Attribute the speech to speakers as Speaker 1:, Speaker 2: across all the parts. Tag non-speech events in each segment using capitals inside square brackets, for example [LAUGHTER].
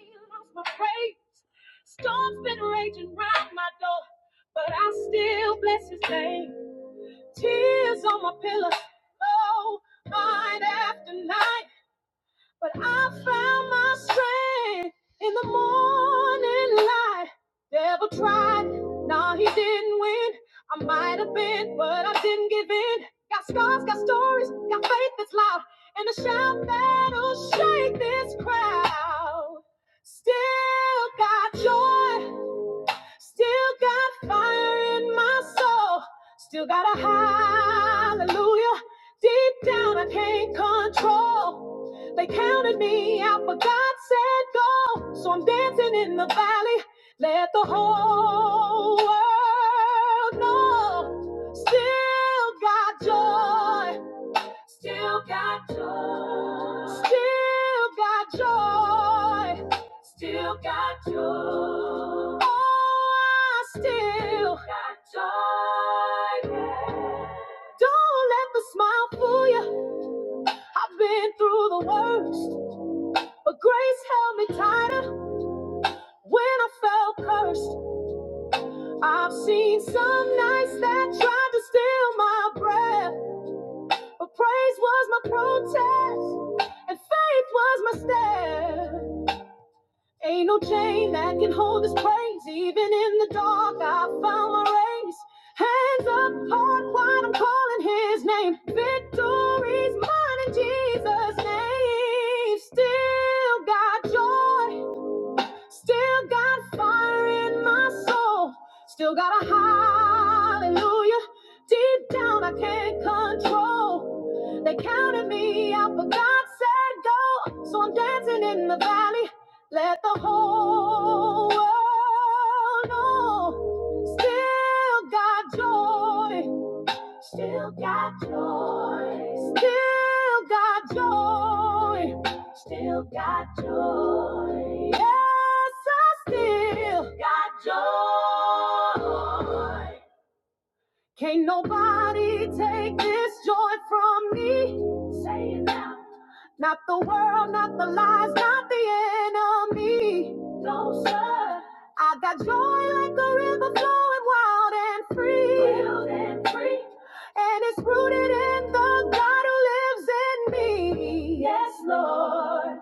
Speaker 1: lost my faith. Storms been raging round my door, but I still bless his name. Tears on my pillow, oh, night after night. But I found my strength in the morning light. Devil tried, no, he didn't win. I might have been, but I didn't give in. Got scars, got stories, got faith that's loud, and a shout that'll shake this crowd. Still got joy. Still got fire in my soul. Still got a hallelujah. Deep down, I can't control. They counted me out, but God said go. So I'm dancing in the valley. Let the whole world know. Still got joy. Still got joy. Still got joy. Still got joy. Oh, I still got joy. yeah. Don't let the smile fool you. I've been through the worst, but grace held me tighter when I felt cursed. I've seen some nights that tried to steal my breath. But praise was my protest, and faith was my step. Ain't no chain that can hold this praise. Even in the dark, I found my race. Hands up, heart wide, I'm calling his name. Victory's mine in Jesus' name. Still got joy. Still got fire in my soul. Still got a hallelujah. Deep down, I can't control. They counted me out, but God said go. So I'm dancing in the valley. Let the whole world know. Still got joy. Still got joy. Still got joy. Still got joy. Yes, I still got joy. Can't nobody take this joy from me. Not the world, not the lies, not the enemy. I got joy like a river flowing wild and free. And it's rooted in the God who lives in me. Yes, Lord.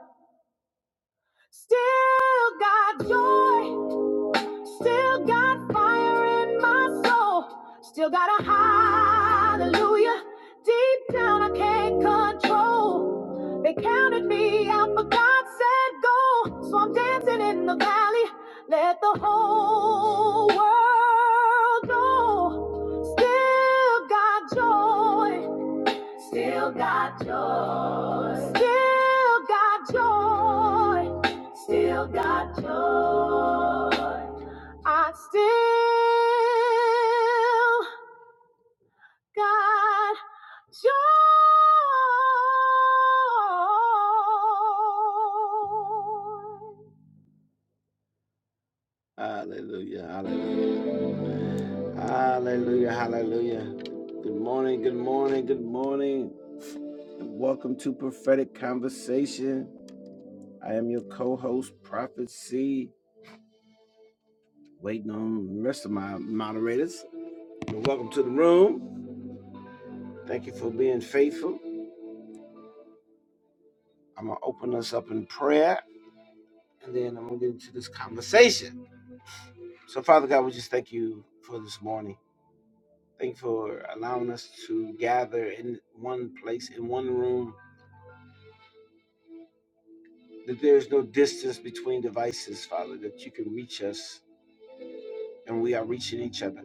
Speaker 1: Still got joy. Still got fire in my soul. Still got a hallelujah. Deep down, I can't control. They counted me out, but God said go. So I'm dancing in the valley. Let the whole world know. Still got joy Still got joy. Still got joy. Still got joy. I still got joy. Hallelujah. Hallelujah. Hallelujah. Hallelujah. Good morning. Good morning. Good morning. And welcome to Prophetic Conversation. I am your co host, Prophet C, waiting on the rest of my moderators. welcome to the room. Thank you for being faithful. I'm going to open us up in prayer and then I'm going to get into this conversation. So, Father God, we just thank you for this morning. Thank you for allowing us to gather in one place, in one room, that there is no distance between devices, Father, that you can reach us and we are reaching each other.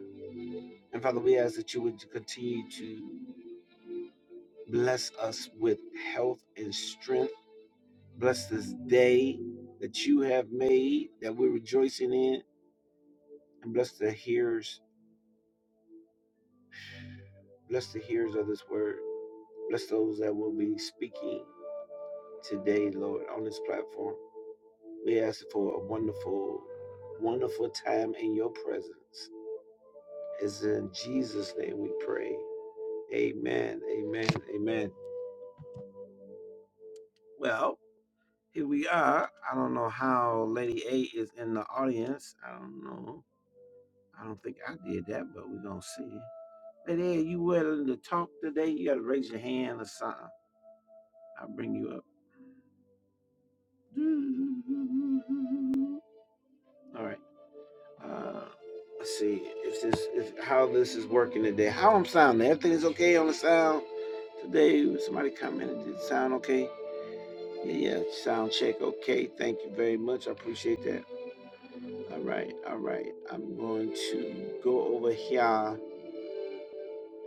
Speaker 1: And Father, we ask that you would continue to Bless us with health and strength. Bless this day that you have made that we're rejoicing in. And bless the hearers. Bless the hearers of this word. Bless those that will be speaking today, Lord, on this platform. We ask for a wonderful, wonderful time in your presence. It's in Jesus' name we pray. Amen. Amen. Amen. Well, here we are. I don't know how Lady A is in the audience. I don't know. I don't think I did that, but we're gonna see. But yeah, you willing to talk today? You gotta raise your hand or something. I'll bring you up. [LAUGHS] All right. Uh, let's see if this if how this is working today. How I'm sounding? Everything is okay on the sound today. Somebody commented, did it sound okay? Yeah, yeah, sound check okay. Thank you very much. I appreciate that. All right, all right. I'm going to go over here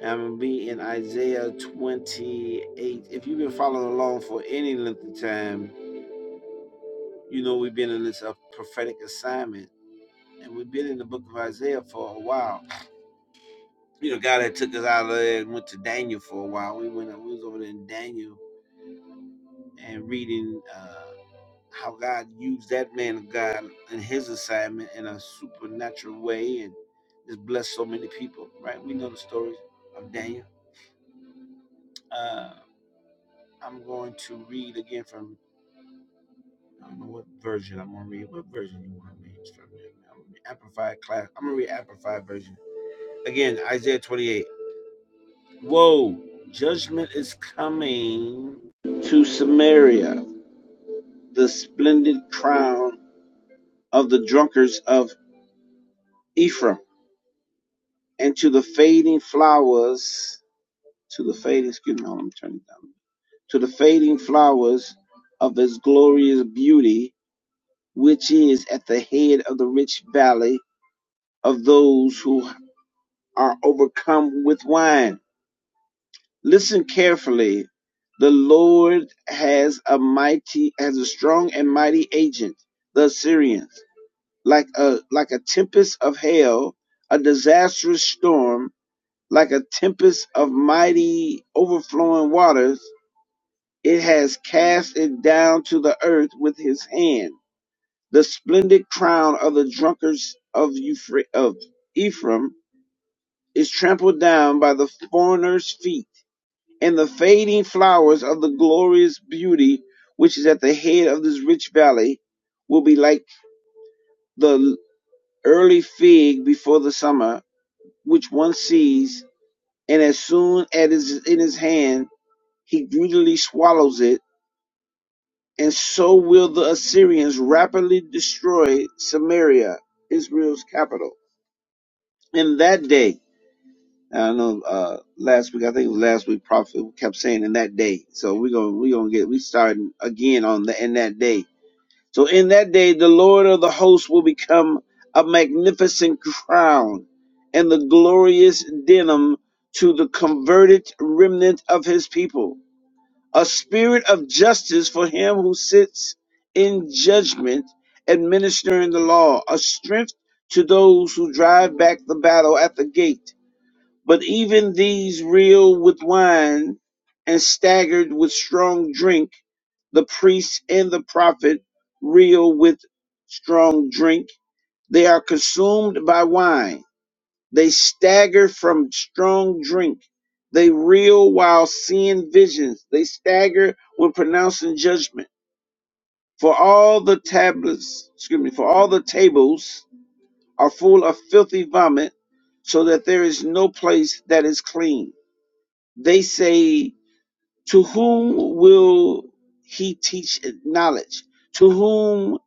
Speaker 1: I'm going to be in Isaiah 28. If you've been following along for any length of time, you know we've been in this uh, prophetic assignment. And we've been in the book of Isaiah for a while. You know, God had took us out of there and went to Daniel for a while. We went we was over there in Daniel and reading uh, how God used that man of God in his assignment in a supernatural way and just blessed so many people, right? We know the story of Daniel. Uh, I'm going to read again from I don't know what version I'm gonna read. What version you want me from it? I'm gonna read Amplified class. I'm gonna read Amplified version. Again, Isaiah 28. Whoa, judgment is coming to Samaria, the splendid crown of the drunkards of Ephraim, and to the fading flowers, to the fading, excuse me, I'm turning it down. To the fading flowers of his glorious beauty, which is at the head of the rich valley of those who. are overcome with wine. Listen carefully. The Lord has a mighty, has a strong and mighty agent, the Assyrians, like a like a tempest of hail, a disastrous storm, like a tempest of mighty overflowing waters. It has cast it down to the earth with his hand. The splendid crown of the drunkards of, Euphra- of Ephraim is trampled down by the foreigner's feet and the fading flowers of the glorious beauty which is at the head of this rich valley will be like the early fig before the summer, which one sees, and as soon as it is in his hand, he greedily swallows it, and so will the Assyrians rapidly destroy Samaria, Israel's capital. In that day, I know uh, last week. I think it was last week. Prophet kept saying in that day. So we're gonna we're gonna get we starting again on the in that day So in that day, the Lord of the hosts will become a magnificent crown and the glorious denim to the converted remnant of his people, a spirit of justice for him who sits in judgment, administering the law, a strength to those who drive back the battle at the gate but even these reel with wine and staggered with strong drink. The priest and the prophet reel with strong drink. They are consumed by wine. They stagger from strong drink. They reel while seeing visions. They stagger when pronouncing judgment. For all the tablets, excuse me, for all the tables are full of filthy vomit, so that there is no place that is clean they say, To whom will he teach knowledge? To whom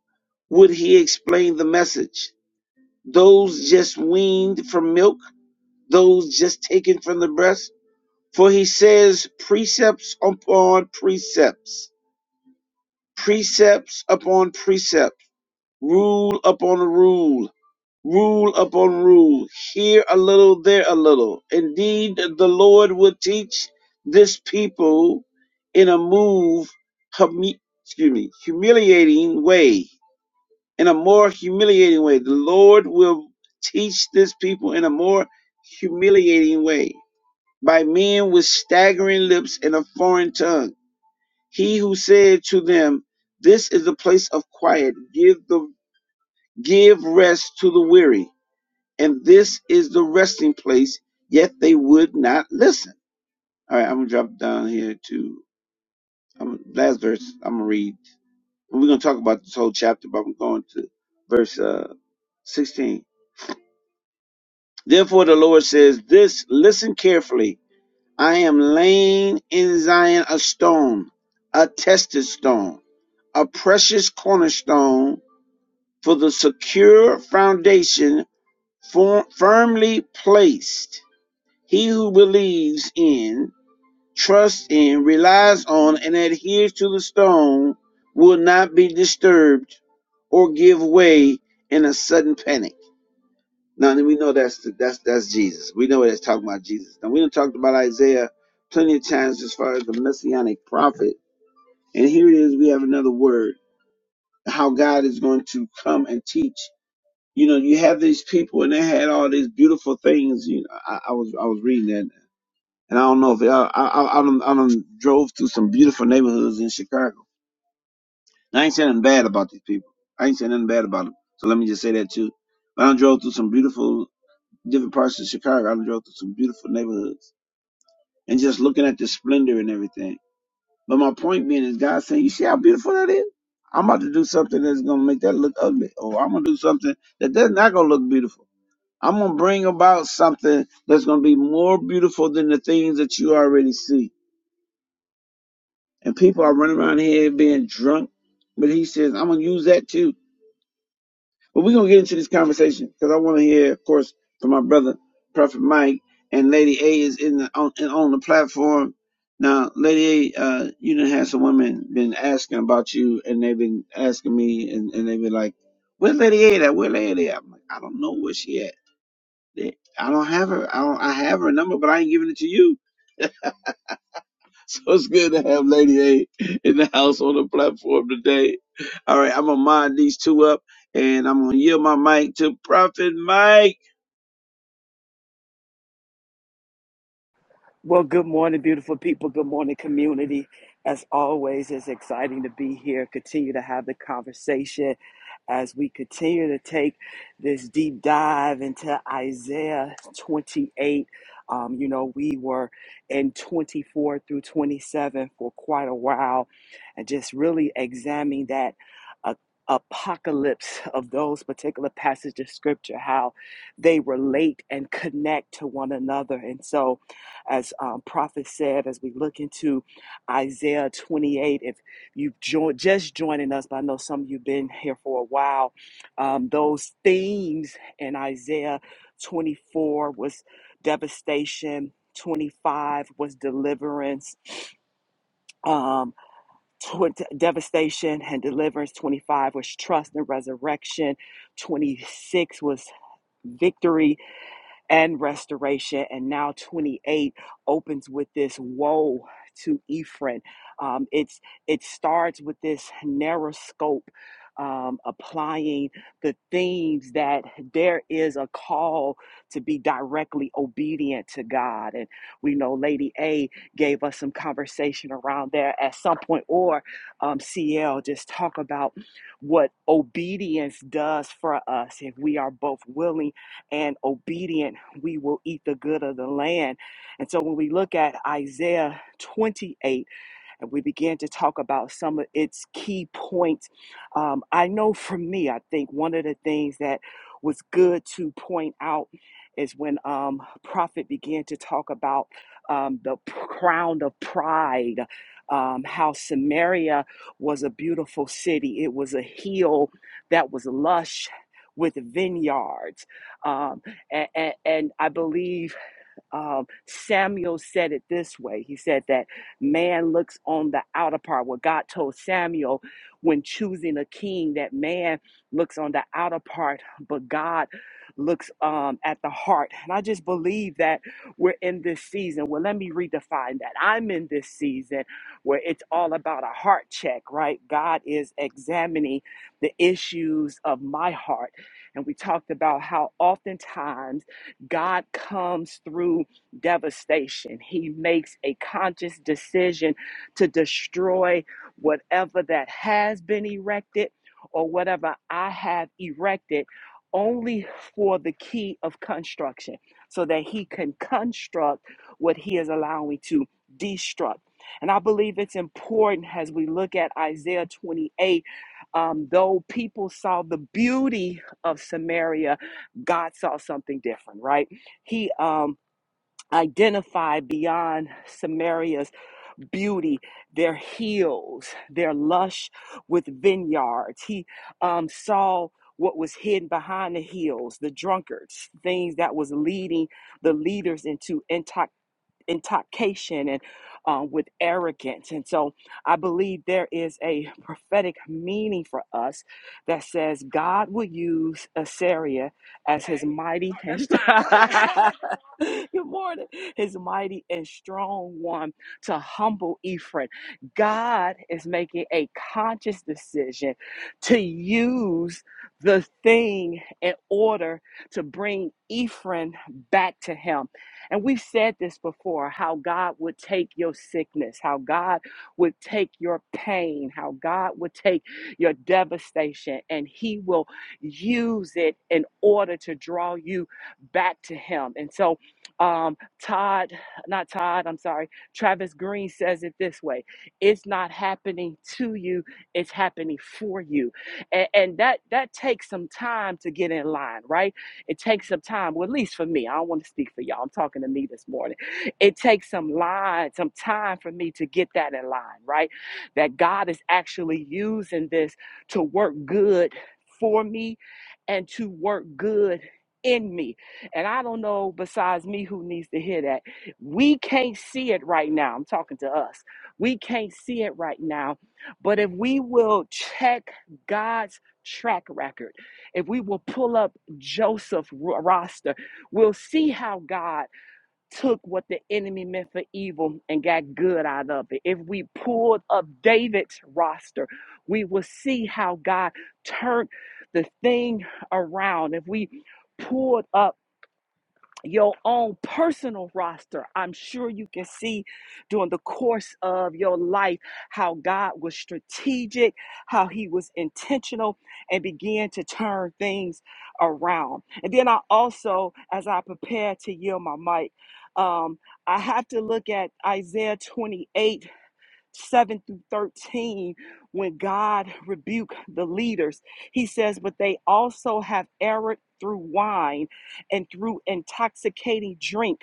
Speaker 1: would he explain the message? Those just weaned from milk? Those just taken from the breast? For he says, Precepts upon precepts, precepts upon precepts, rule upon rule rule upon rule, here a little, there a little. Indeed, the Lord will teach this people in a move, humi- excuse me, humiliating way, in a more humiliating way. The Lord will teach this people in a more humiliating way by men with staggering lips and a foreign tongue. He who said to them, "This is a place of quiet. Give the give rest to the weary." and this is the resting place, yet they would not listen. All right, I'm gonna drop down here to um, last verse. I'm gonna read. And we're gonna talk about this whole chapter, but I'm going to verse uh, 16. Therefore, the Lord says, "This listen carefully. I am laying in Zion a stone, a tested stone, a precious cornerstone for the secure foundation, for, firmly placed." He who believes in trusts in, relies on, and adheres to the stone will not be disturbed or give way in a sudden panic. Now we know that's that's that's Jesus. We know that's talking about Jesus. Now we done talked about Isaiah plenty of times as far as the messianic prophet. And here it is, we have another word, how God is going to come and teach. You know, you have these people and they had all these beautiful things. You know, I, I was I was reading that and I don't know if I I I, I, done, I done drove through some beautiful neighborhoods in Chicago. And I ain't saying nothing bad about these people. I ain't saying nothing bad about them. So let me just say that too. But I done drove through some beautiful different parts of Chicago. I done drove through some beautiful neighborhoods and just looking at the splendor and everything. But my point being is God saying, you see how beautiful that is? I'm about to do something that's gonna make that look ugly, or I'm gonna do something that that's not gonna look beautiful. I'm gonna bring about something that's gonna be more beautiful than the things that you already see. and people are running around here being drunk. But he says, I'm gonna use that too. But we're gonna get into this conversation because I want to hear, of course, from my brother Prophet Mike and Lady A is in the on and on the platform now. Lady A, uh, you done had some women been asking about you, and they've been asking me, and, and they've been like, "Where's Lady A at? Where Lady A?" at? I'm like, "I don't know where she at. They- I don't have her. I don't. I have her number, but I ain't giving it to you." [LAUGHS] So it's good to have Lady A in the house on the platform today. All right, I'm gonna mod these two up and I'm gonna yield my mic to Prophet Mike.
Speaker 2: Well, good morning, beautiful people. Good morning, community. As always, it's exciting to be here. Continue to have the conversation as we continue to take this deep dive into Isaiah 28. Um, you know, we were in 24 through 27 for quite a while and just really examining that a- apocalypse of those particular passages of scripture, how they relate and connect to one another. And so, as um, Prophet said, as we look into Isaiah 28, if you've joined, just joining us, but I know some of you've been here for a while, um, those themes in Isaiah 24 was devastation, 25 was deliverance, um, tw- devastation and deliverance, 25 was trust and resurrection, 26 was victory, and restoration. And now 28 opens with this woe to Ephraim. Um, it's it starts with this narrow scope. Um, applying the themes that there is a call to be directly obedient to God. And we know Lady A gave us some conversation around there at some point, or um, CL just talk about what obedience does for us if we are both willing and obedient, we will eat the good of the land. And so when we look at Isaiah 28, and we began to talk about some of its key points. Um, I know for me, I think one of the things that was good to point out is when um, Prophet began to talk about um, the p- crown of pride, um, how Samaria was a beautiful city, it was a hill that was lush. With vineyards, um, and, and I believe um, Samuel said it this way. He said that man looks on the outer part. What God told Samuel when choosing a king, that man looks on the outer part, but God looks um, at the heart. And I just believe that we're in this season. Well, let me redefine that. I'm in this season where it's all about a heart check, right? God is examining the issues of my heart. And we talked about how oftentimes God comes through devastation. He makes a conscious decision to destroy whatever that has been erected or whatever I have erected only for the key of construction so that he can construct what he is allowing to destruct. And I believe it's important as we look at Isaiah 28, um, though people saw the beauty of Samaria God saw something different, right? He um, identified beyond Samaria's beauty, their hills, their lush with vineyards. He um, saw what was hidden behind the hills, the drunkards, things that was leading the leaders into intoxication intoxication and uh, with arrogance. And so I believe there is a prophetic meaning for us that says God will use Assyria as his mighty and [LAUGHS] good morning, his mighty and strong one to humble Ephraim. God is making a conscious decision to use the thing in order to bring Ephraim back to him. And we've said this before how God would take your sickness, how God would take your pain, how God would take your devastation, and He will use it in order to draw you back to Him. And so, um, Todd, not Todd, I'm sorry, Travis Green says it this way it's not happening to you, it's happening for you. And, and that, that takes some time to get in line, right? It takes some time, well, at least for me. I don't want to speak for y'all. I'm talking to me this morning. It takes some line, some time for me to get that in line, right? That God is actually using this to work good for me and to work good in me. And I don't know besides me who needs to hear that. We can't see it right now. I'm talking to us. We can't see it right now. But if we will check God's track record, if we will pull up Joseph roster, we'll see how God took what the enemy meant for evil and got good out of it. If we pulled up David's roster, we will see how God turned the thing around. If we pulled up your own personal roster. I'm sure you can see during the course of your life how God was strategic, how He was intentional, and began to turn things around. And then I also, as I prepare to yield my mic, um, I have to look at Isaiah 28 7 through 13, when God rebuked the leaders, he says, But they also have erred through wine and through intoxicating drink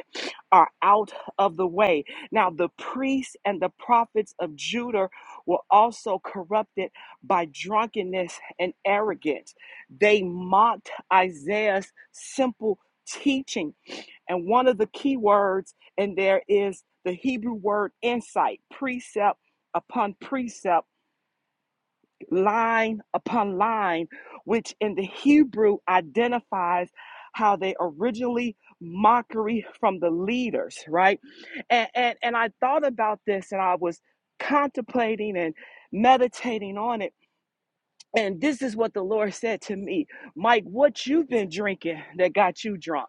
Speaker 2: are out of the way. Now, the priests and the prophets of Judah were also corrupted by drunkenness and arrogance. They mocked Isaiah's simple teaching and one of the key words in there is the Hebrew word insight, precept upon precept, line upon line, which in the Hebrew identifies how they originally mockery from the leaders, right? And, and and I thought about this and I was contemplating and meditating on it. And this is what the Lord said to me, Mike, what you've been drinking that got you drunk.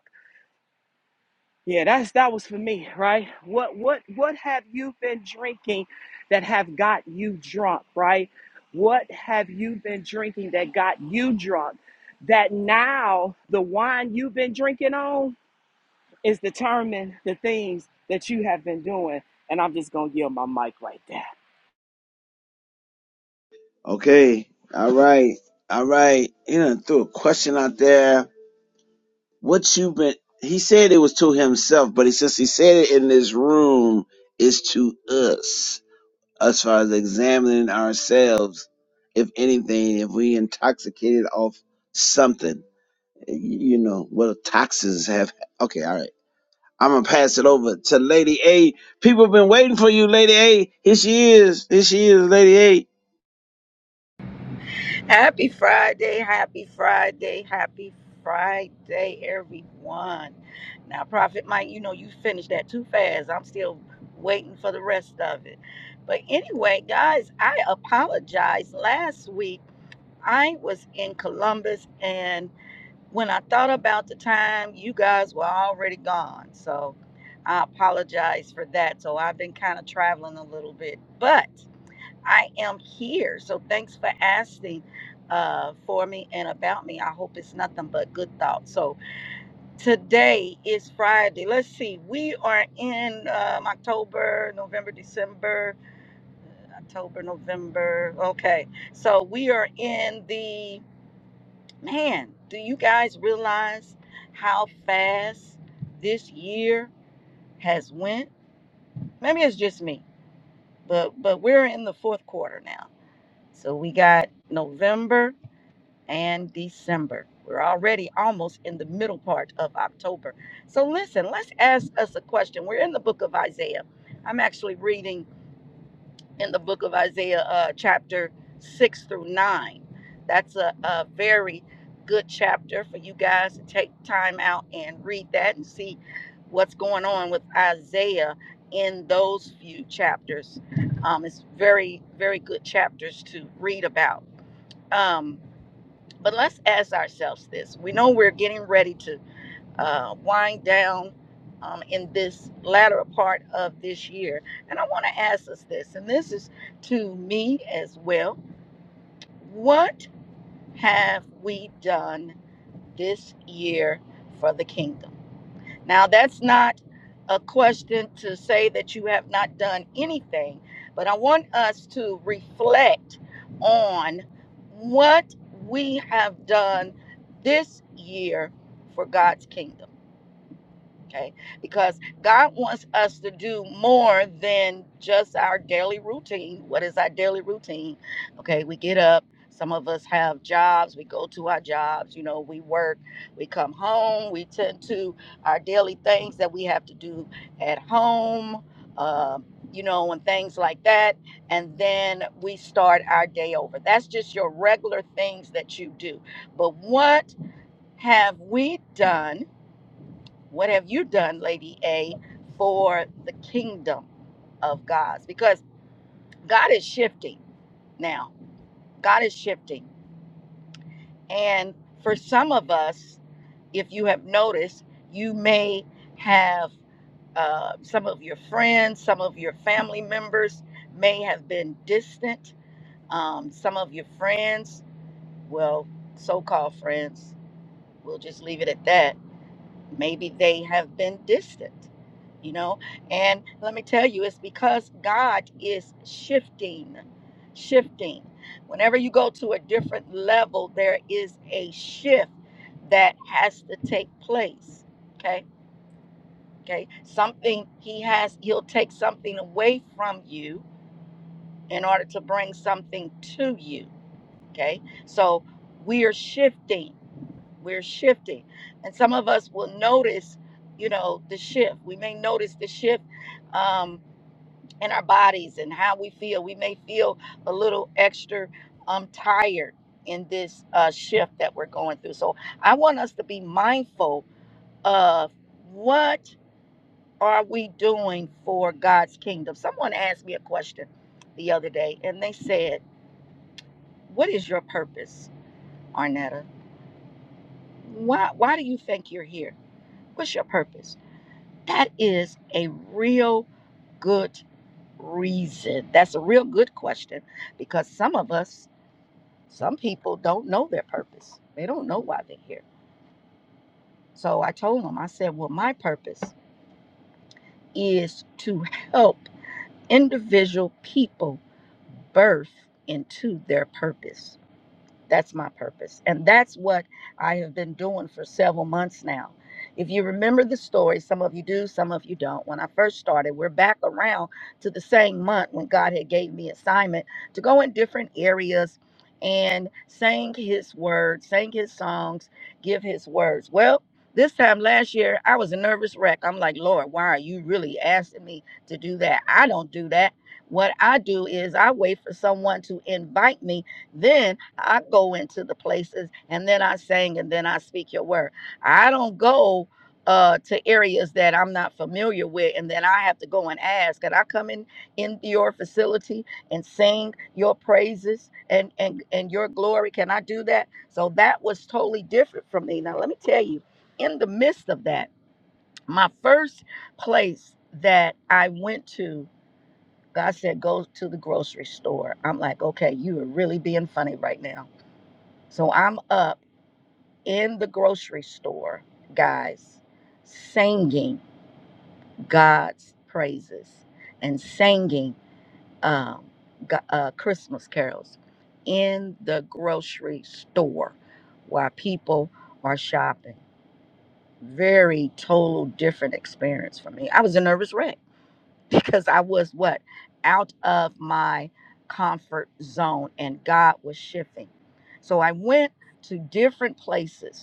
Speaker 2: Yeah, that's that was for me, right? What what what have you been drinking that have got you drunk, right? What have you been drinking that got you drunk? That now the wine you've been drinking on is determining the things that you have been doing. And I'm just gonna yield my mic right there.
Speaker 1: Okay, all right, all right. He done threw a question out there. What you been he said it was to himself, but he since he said it in this room, it's to us as far as examining ourselves, if anything, if we intoxicated off something you know what the taxes have okay all right i'm gonna pass it over to lady a people have been waiting for you lady a here she is here she is lady a
Speaker 3: Happy Friday, happy Friday, happy Friday, everyone. Now, Prophet Mike, you know you finished that too fast. I'm still waiting for the rest of it. But anyway, guys, I apologize. Last week, I was in Columbus, and when I thought about the time, you guys were already gone. So I apologize for that. So I've been kind of traveling a little bit. But I am here. So thanks for asking uh, for me and about me. I hope it's nothing but good thoughts. So today is Friday. Let's see. We are in um, October, November, December, October, November. Okay. So we are in the man. Do you guys realize how fast this year has went? Maybe it's just me, but but we're in the fourth quarter now. So we got November. and December. We're already almost in the middle part of October. So, listen, let's ask us a question. We're in the book of Isaiah. I'm actually reading in the book of Isaiah, uh, chapter 6 through 9. That's a, a very good chapter for you guys to take time out and read that and see what's going on with Isaiah in those few chapters. Um, it's very, very good chapters to read about. Um, but let's ask ourselves this. We know we're getting ready to uh, wind down um, in this latter part of this year. And I want to ask us this, and this is to me as well. What have we done this year for the kingdom? Now, that's not a question to say that you have not done anything, but I want us to reflect on what we have done this year for God's kingdom okay because god wants us to do more than just our daily routine what is our daily routine okay we get up some of us have jobs we go to our jobs you know we work we come home we tend to our daily things that we have to do at home uh, you know and things like that and then we start our day over that's just your regular things that you do but what have we done what have you done, Lady A, for the kingdom of God? Because God is shifting now. God is shifting. And for some of us, if you have noticed, you may have uh, some of your friends, some of your family members may have been distant. Um, some of your friends, well, so called friends, we'll just leave it at that maybe they have been distant you know and let me tell you it's because god is shifting shifting whenever you go to a different level there is a shift that has to take place okay okay something he has he'll take something away from you in order to bring something to you okay so we are shifting we're shifting and some of us will notice you know the shift we may notice the shift um, in our bodies and how we feel we may feel a little extra um, tired in this uh, shift that we're going through so i want us to be mindful of what are we doing for god's kingdom someone asked me a question the other day and they said what is your purpose arnetta why, why do you think you're here what's your purpose That is a real good reason. That's a real good question because some of us, some people don't know their purpose. They don't know why they're here. So I told them, I said, well, my purpose is to help individual people birth into their purpose. That's my purpose. And that's what I have been doing for several months now. If you remember the story, some of you do, some of you don't. When I first started, we're back around to the same month when God had gave me assignment to go in different areas and sing his word, sing his songs, give his words. Well, this time last year, I was a nervous wreck. I'm like, Lord, why are you really asking me to do that? I don't do that. What I do is I wait for someone to invite me then I go into the places and then I sing and then I speak your word. I don't go uh, to areas that I'm not familiar with and then I have to go and ask. And I come in in your facility and sing your praises and and and your glory. Can I do that? So that was totally different from me. Now let me tell you, in the midst of that, my first place that I went to, God said, go to the grocery store. I'm like, okay, you are really being funny right now so I'm up in the grocery store, guys, singing God's praises and singing um, go- uh, Christmas carols in the grocery store while people are shopping. Very total different experience for me. I was a nervous wreck [LAUGHS] because I was what? Out of my comfort zone and God was shifting. So I went to different places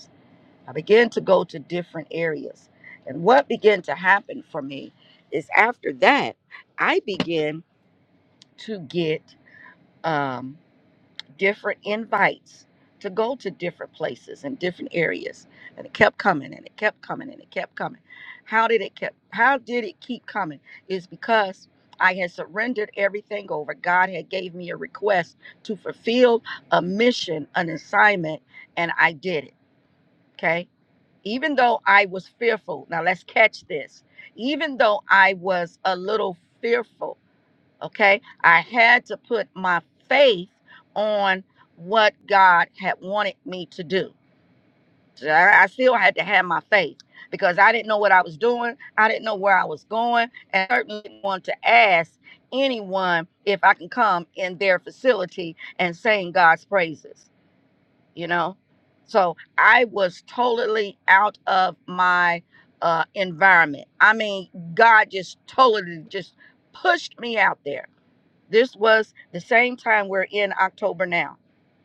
Speaker 3: I began to go to different areas. And what began to happen for me is after that, I began to get um, different invites to go to different places and different areas. And it kept coming and it kept coming and it kept coming. How did it kept how did it keep coming? Is because I had surrendered everything over. God had gave me a request to fulfill a mission, an assignment, and I did it. Okay even though I was fearful, now let's catch this. Even though I was a little fearful, okay, I had to put my faith on what God had wanted me to do. So I I still had to have my faith because I didn't know what I was doing. I didn't know where I was going. And I certainly didn't want to ask anyone if I can come in their facility and sing God's praises you know so i was totally out of my uh environment i mean god just totally just pushed me out there this was the same time we're in October now.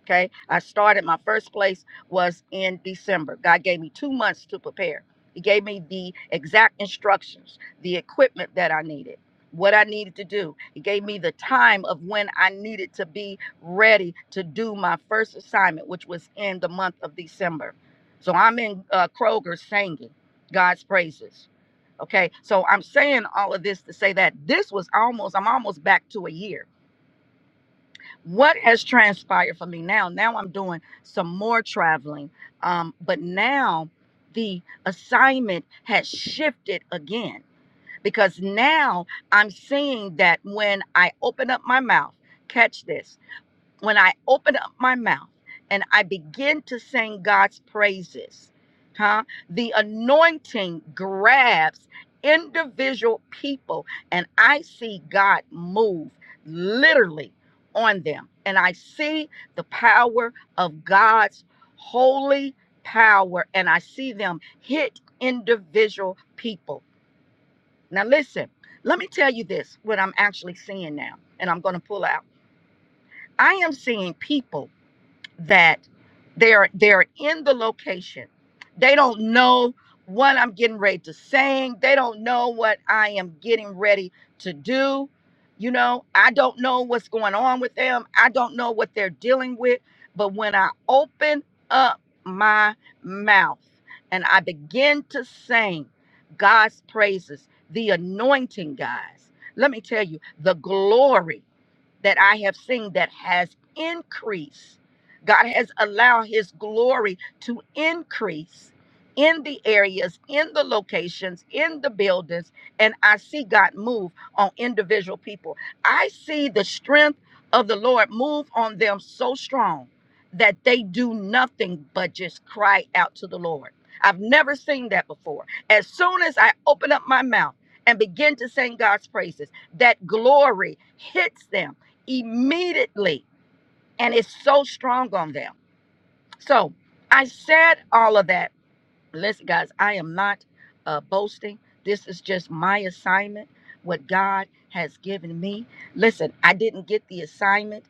Speaker 3: Okay. I started my first place was in December. God gave me two months to prepare. He gave me the exact instructions, the equipment that I needed, what I needed to do. He gave me the time of when I needed to be ready to do my first assignment, which was in the month of December. So I'm in uh, Kroger singing God's praises. Okay. So I'm saying all of this to say that this was almost, I'm almost back to a year what has transpired for me now now i'm doing some more traveling um but now the assignment has shifted again because now i'm seeing that when i open up my mouth catch this when I open up my mouth and I begin to sing God's praises, huh? The anointing grabs individual people and I see God move literally on them. And I see the power of God's holy power and I see them hit individual people. Now, listen, let me tell you this what I'm actually seeing now, and I'm going to pull out. I am seeing people that they're they're in the location they don't know what i'm getting ready to sing they don't know what i am getting ready to do you know i don't know what's going on with them i don't know what they're dealing with but when i open up my mouth and i begin to sing god's praises the anointing guys let me tell you the glory that I have seen that has increased. God has allowed his glory to increase in the areas, in the locations, in the buildings, and I see God move on individual people. I see the strength of the Lord move on them so strong that they do nothing but just cry out to the Lord. I've never seen that before. As soon as I open up my mouth and begin to sing God's praises, that glory hits them immediately. And it's so strong on them. So I said all of that listen guys i am not uh, boasting this is just my assignment what god has given me listen i didn't get the assignment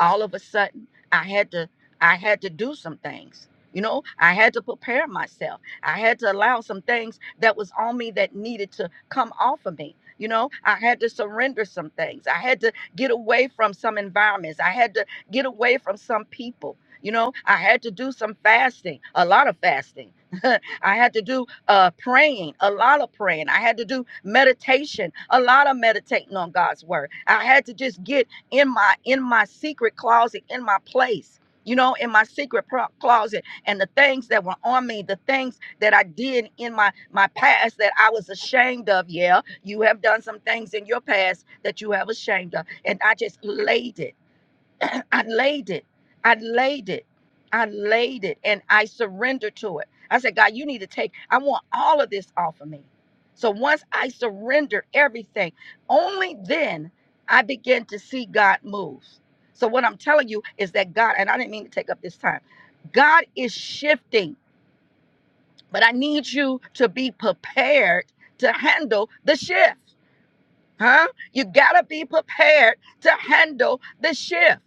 Speaker 3: all of a sudden i had to i had to do some things you know i had to prepare myself i had to allow some things that was on me that needed to come off of me you know i had to surrender some things i had to get away from some environments i had to get away from some people you know i had to do some fasting a lot of fasting [LAUGHS] I had to do uh, praying, a lot of praying. I had to do meditation, a lot of meditating on God's word. I had to just get in my in my secret closet, in my place, you know, in my secret pro- closet, and the things that were on me, the things that I did in my my past that I was ashamed of. Yeah, you have done some things in your past that you have ashamed of, and I just laid it. I laid it. I laid it. I laid it and I surrendered to it. I said, God, you need to take, I want all of this off of me. So once I surrendered everything, only then I began to see God move. So what I'm telling you is that God, and I didn't mean to take up this time, God is shifting, but I need you to be prepared to handle the shift. Huh? You gotta be prepared to handle the shift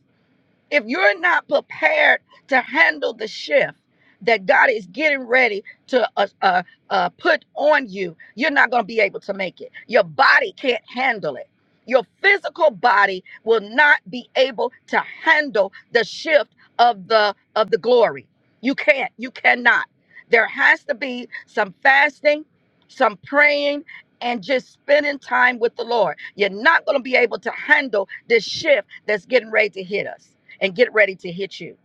Speaker 3: if you're not prepared to handle the shift that God is getting ready to uh, uh, uh, put on you, you're not going to be able to make it. Your body can't handle it. Your physical body will not be able to handle the shift of the of the glory. You can't. You cannot. There has to be some fasting, some praying, and just spending time with the Lord. You're not going to be able to handle this shift that's getting ready to hit us and get ready to hit you.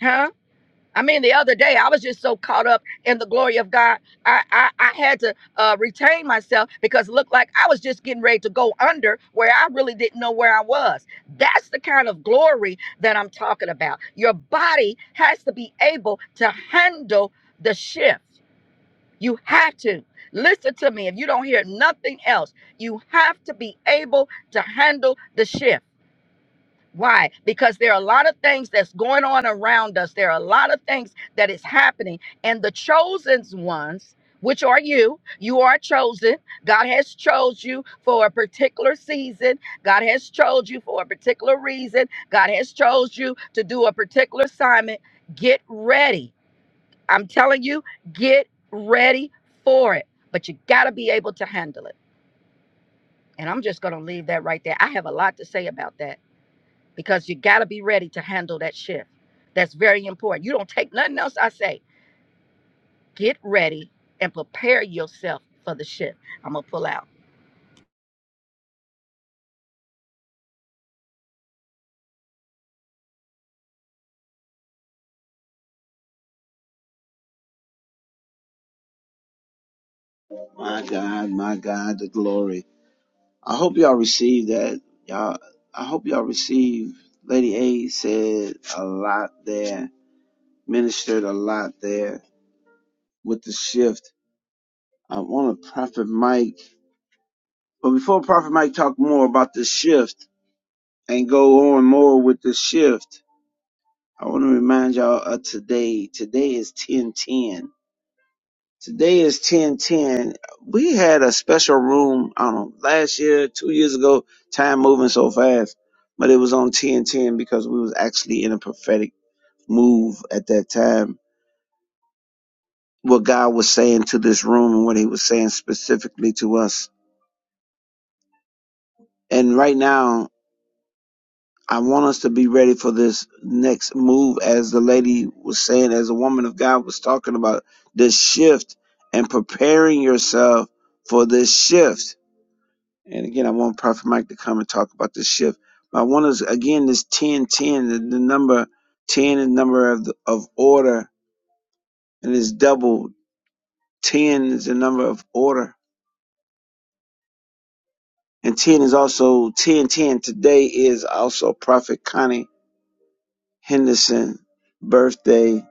Speaker 3: Huh? I mean, the other day I was just so caught up in the glory of God, I I, I had to uh, retain myself because it looked like I was just getting ready to go under where I really didn't know where I was. That's the kind of glory that I'm talking about. Your body has to be able to handle the shift. You have to. Listen to me. If you don't hear nothing else, you have to be able to handle the shift. Why? Because there are a lot of things that's going on around us. There are a lot of things that is happening. And the chosen ones, which are you, you are chosen. God has chose you for a particular season. God has chose you for a particular reason. God has chose you to do a particular assignment. Get ready. I'm telling you, get ready for it. But you got to be able to handle it. And I'm just going to leave that right there. I have a lot to say about that because you got to be ready to handle that shift. That's very important. You don't take nothing else I say. Get ready and prepare yourself for the shift. I'm going to pull out.
Speaker 1: my god my god the glory i hope y'all receive that y'all i hope y'all receive lady a said a lot there ministered a lot there with the shift i want to prophet mike but before prophet mike talk more about the shift and go on more with the shift I want to remind y'all of today. Today is 1010. Today is 1010. We had a special room, I don't know, last year, two years ago, time moving so fast, but it was on 1010 because we was actually in a prophetic move at that time. What God was saying to this room and what he was saying specifically to us. And right now I want us to be ready for this next move, as the lady was saying, as the woman of God was talking about this shift and preparing yourself for this shift. And again, I want Prophet Mike to come and talk about this shift. But I want us again this 10, 10, the, the number 10 is the number of, the, of order, and it's double 10 is the number of order. And 10 is also 10, 10. Today is also Prophet Connie Henderson birthday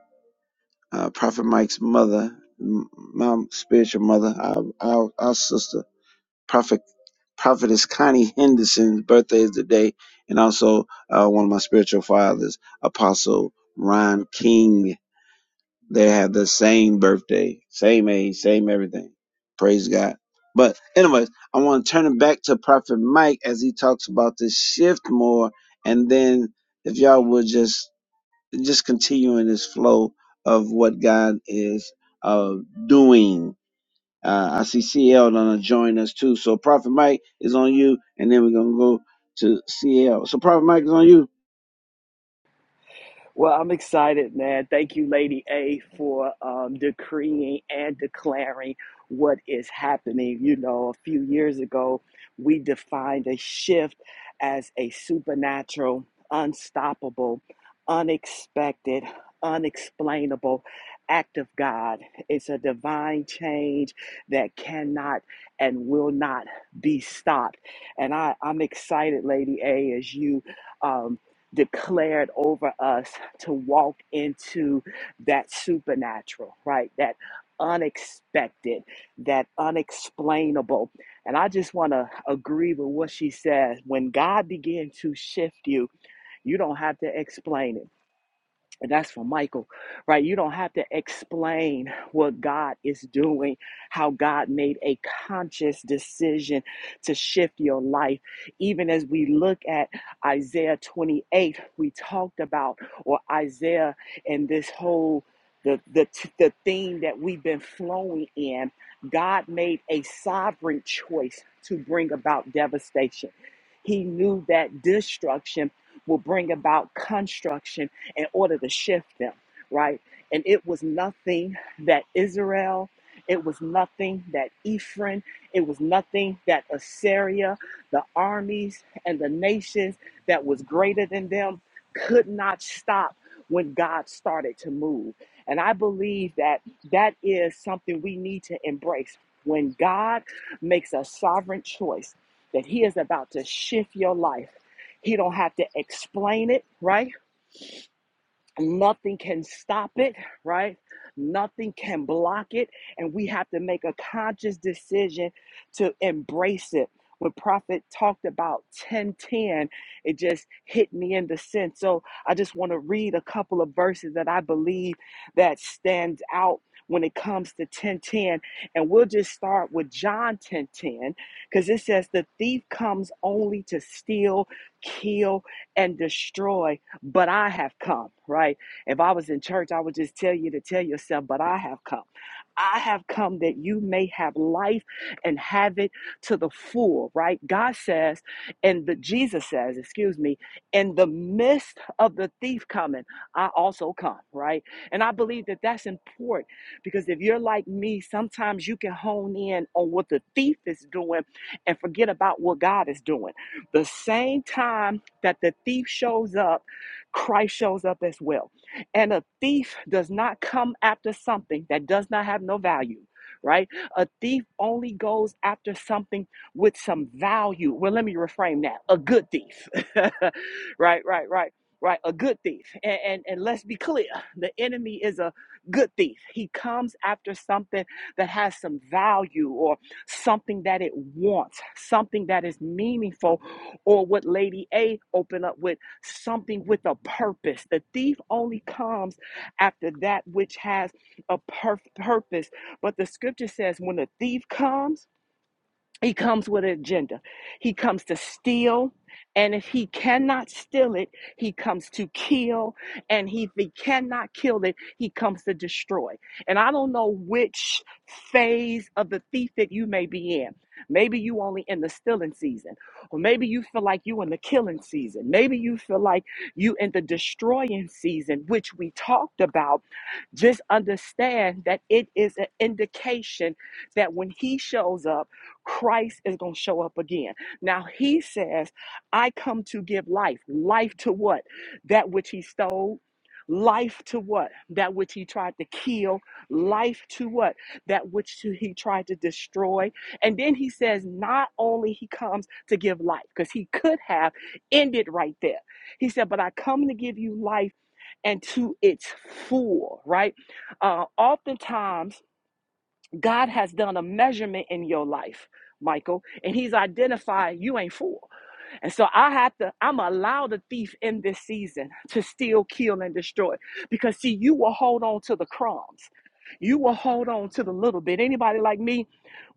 Speaker 1: uh, Prophet Mike's mother, m- my spiritual mother, our, our, our sister, Prophet Prophetess Connie Henderson's birthday is today, and also uh, one of my spiritual fathers, Apostle Ron King. They have the same birthday, same age, same everything. Praise God. But anyways, I want to turn it back to Prophet Mike as he talks about this shift more, and then if y'all would just just continuing this flow of what God is uh, doing. Uh, I see CL gonna join us too. So Prophet Mike is on you, and then we're gonna go to CL. So Prophet Mike is on you.
Speaker 2: Well, I'm excited, man. Thank you, Lady A, for um, decreeing and declaring what is happening. You know, a few years ago, we defined a shift as a supernatural, unstoppable, unexpected, unexplainable act of God. It's a divine change that cannot and will not be stopped. And I, I'm excited, Lady A, as you. Um, declared over us to walk into that supernatural, right? That unexpected, that unexplainable. And I just want to agree with what she says. When God begins to shift you, you don't have to explain it. And that's for Michael, right? You don't have to explain what God is doing, how God made a conscious decision to shift your life. Even as we look at Isaiah 28, we talked about, or Isaiah and this whole the, the, the theme that we've been flowing in, God made a sovereign choice to bring about devastation. He knew that destruction will bring about construction in order to shift them, right? And it was nothing that Israel, it was nothing that Ephraim, it was nothing that Assyria, the armies and the nations that was greater than them could not stop when God started to move. And I believe that that is something we need to embrace. When God makes a sovereign choice that he is about to shift your life, he don't have to explain it, right? Nothing can stop it, right? Nothing can block it. And we have to make a conscious decision to embrace it. When Prophet talked about 1010, it just hit me in the sense. So I just want to read a couple of verses that I believe that stands out when it comes to 1010. And we'll just start with John 1010, because it says the thief comes only to steal, kill, and destroy but I have come, right? If I was in church, I would just tell you to tell yourself, but I have come. I have come that you may have life and have it to the full, right? God says, and the Jesus says, excuse me, in the midst of the thief coming, I also come, right? And I believe that that's important because if you're like me, sometimes you can hone in on what the thief is doing and forget about what God is doing. The same time that the thief shows up, Christ shows up as well. And a thief does not come after something that does not have no value, right? A thief only goes after something with some value. Well, let me reframe that. A good thief. [LAUGHS] right, right, right. Right, a good thief. And, and and let's be clear, the enemy is a good thief. He comes after something that has some value or something that it wants, something that is meaningful, or what Lady A opened up with something with a purpose. The thief only comes after that which has a perf- purpose. But the scripture says when the thief comes, he comes with an agenda. He comes to steal. And if he cannot steal it, he comes to kill. And if he cannot kill it, he comes to destroy. And I don't know which phase of the thief that you may be in. Maybe you only in the stealing season, or maybe you feel like you in the killing season. Maybe you feel like you in the destroying season, which we talked about. Just understand that it is an indication that when he shows up Christ is going to show up again. Now he says, I come to give life. Life to what? That which he stole. Life to what? That which he tried to kill. Life to what? That which to- he tried to destroy. And then he says, not only he comes to give life, because he could have ended right there. He said, but I come to give you life and to its full, right? Uh, oftentimes, God has done a measurement in your life, Michael, and He's identified you ain't full. And so I have to, I'm allow the thief in this season to steal, kill, and destroy. Because see, you will hold on to the crumbs. You will hold on to the little bit. Anybody like me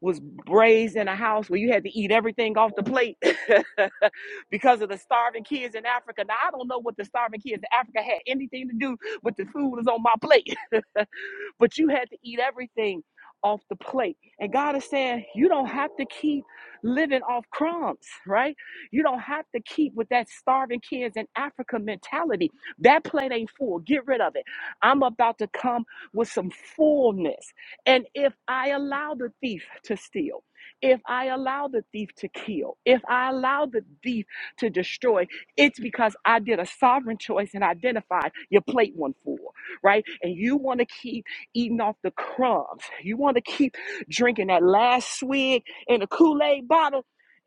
Speaker 2: was raised in a house where you had to eat everything off the plate [LAUGHS] because of the starving kids in Africa. Now I don't know what the starving kids in Africa had anything to do with the food that's on my plate. [LAUGHS] but you had to eat everything off the plate. And God is saying, you don't have to keep living off crumbs, right? You don't have to keep with that starving kids in Africa mentality. That plate ain't full. Get rid of it. I'm about to come with some fullness. And if I allow the thief to steal, if I allow the thief to kill, if I allow the thief to destroy, it's because I did a sovereign choice and identified your plate one full, right? And you want to keep eating off the crumbs. You want to keep drinking that last swig in the Kool-Aid bottle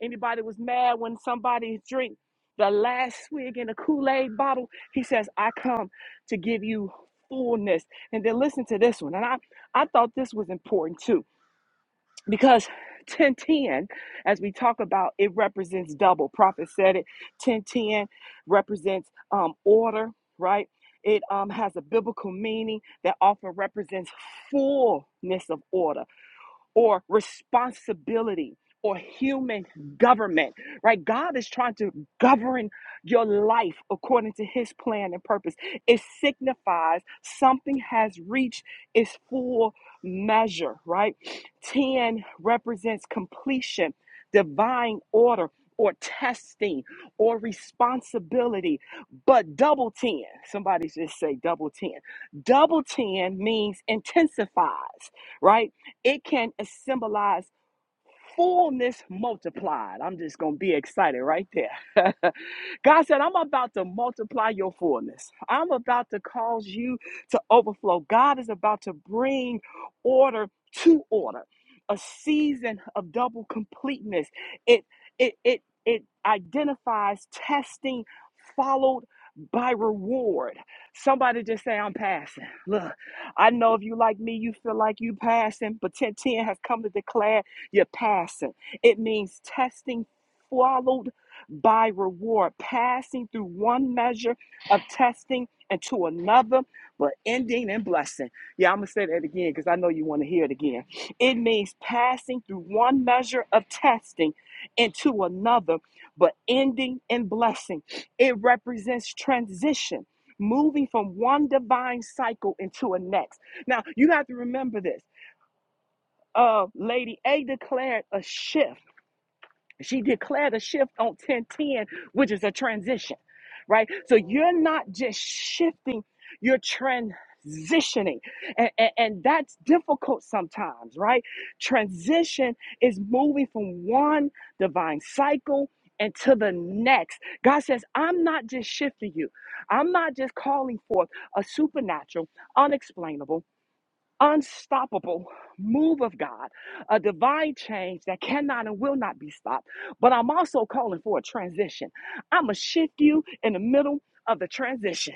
Speaker 2: Anybody was mad when somebody drink the last swig in a Kool-Aid bottle? He says, I come to give you fullness. And then listen to this one. And I, I thought this was important too, because 1010, as we talk about, it represents double. Prophet said it. 1010 represents um, order, right? It um, has a biblical meaning that often represents fullness of order or responsibility or human government, right? God is trying to govern your life according to his plan and purpose. It signifies something has reached its full measure, right? 10 represents completion, divine order, or testing or responsibility. But double 10, somebody just say double 10. Double 10 means intensifies, right? It can symbolize fullness multiplied. I'm just going to be excited right there. [LAUGHS] God said, I'm about to multiply your fullness. I'm about to cause you to overflow. God is about to bring order to order, a season of double completeness. It, it, it, it identifies testing followed by reward. Somebody just say, I'm passing. Look, I know if you like me, you feel like you passing, but 1010 has come to declare you're passing. It means testing followed by reward, passing through one measure of testing into another, but ending in blessing. Yeah, I'm going to say that again because I know you want to hear it again. It means passing through one measure of testing into another, but ending in blessing. It represents transition. Moving from one divine cycle into a next. Now, you have to remember this uh, Lady A declared a shift. She declared a shift on 1010, which is a transition, right? So you're not just shifting, you're transitioning. And, and, and that's difficult sometimes, right? Transition is moving from one divine cycle. And to the next, God says, I'm not just shifting you. I'm not just calling forth a supernatural, unexplainable, unstoppable move of God, a divine change that cannot and will not be stopped. But I'm also calling for a transition. I'm going to shift you in the middle of the transition.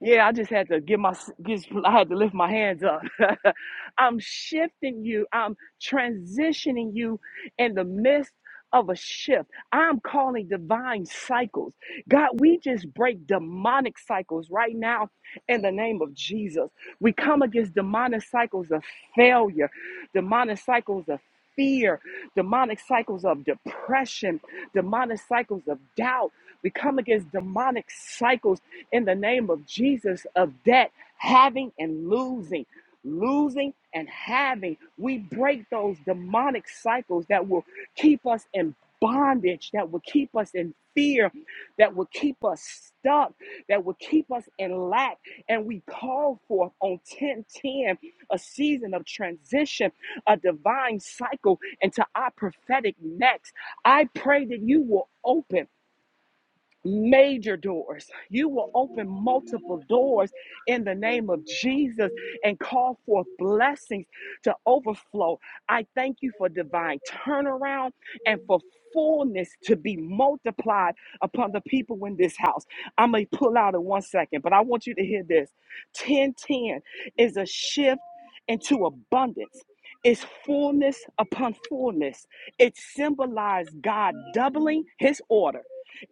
Speaker 2: Yeah, I just had to give my get, I had to lift my hands up. [LAUGHS] I'm shifting you. I'm transitioning you in the midst of a shift. I'm calling divine cycles. God, we just break demonic cycles right now in the name of Jesus. We come against demonic cycles of failure, demonic cycles of fear, demonic cycles of depression, demonic cycles of doubt. We come against demonic cycles in the name of Jesus of debt, having and losing. Losing and having, we break those demonic cycles that will keep us in bondage, that will keep us in fear, that will keep us stuck, that will keep us in lack. And we call forth on 1010 a season of transition, a divine cycle into our prophetic next. I pray that you will open major doors. You will open multiple doors in the name of Jesus and call forth blessings to overflow. I thank you for divine turnaround and for fullness to be multiplied upon the people in this house. I may pull out in one second, but I want you to hear this. 1010 is a shift into abundance. It's fullness upon fullness. It symbolized God doubling his order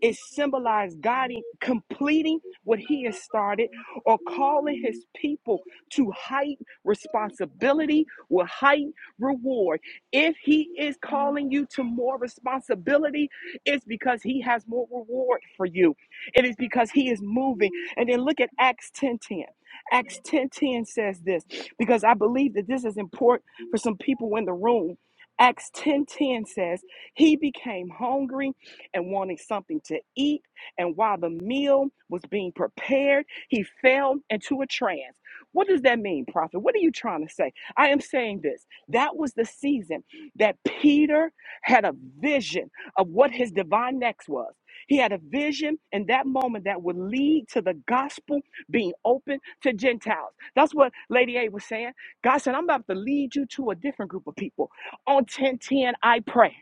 Speaker 2: it symbolized God in- completing what he has started or calling his people to height responsibility with height reward. If he is calling you to more responsibility, it's because he has more reward for you. It is because he is moving. And then look at Acts 10:10. Acts 10:10 says this because I believe that this is important for some people in the room. Acts 10:10 says, "He became hungry and wanting something to eat. And while the meal was being prepared, he fell into a trance. What does that mean, prophet? What are you trying to say? I am saying this. That was the season that Peter had a vision of what his divine next was. He had a vision in that moment that would lead to the gospel being open to Gentiles. That's what Lady A was saying. God said, I'm about to lead you to a different group of people. On 1010, I pray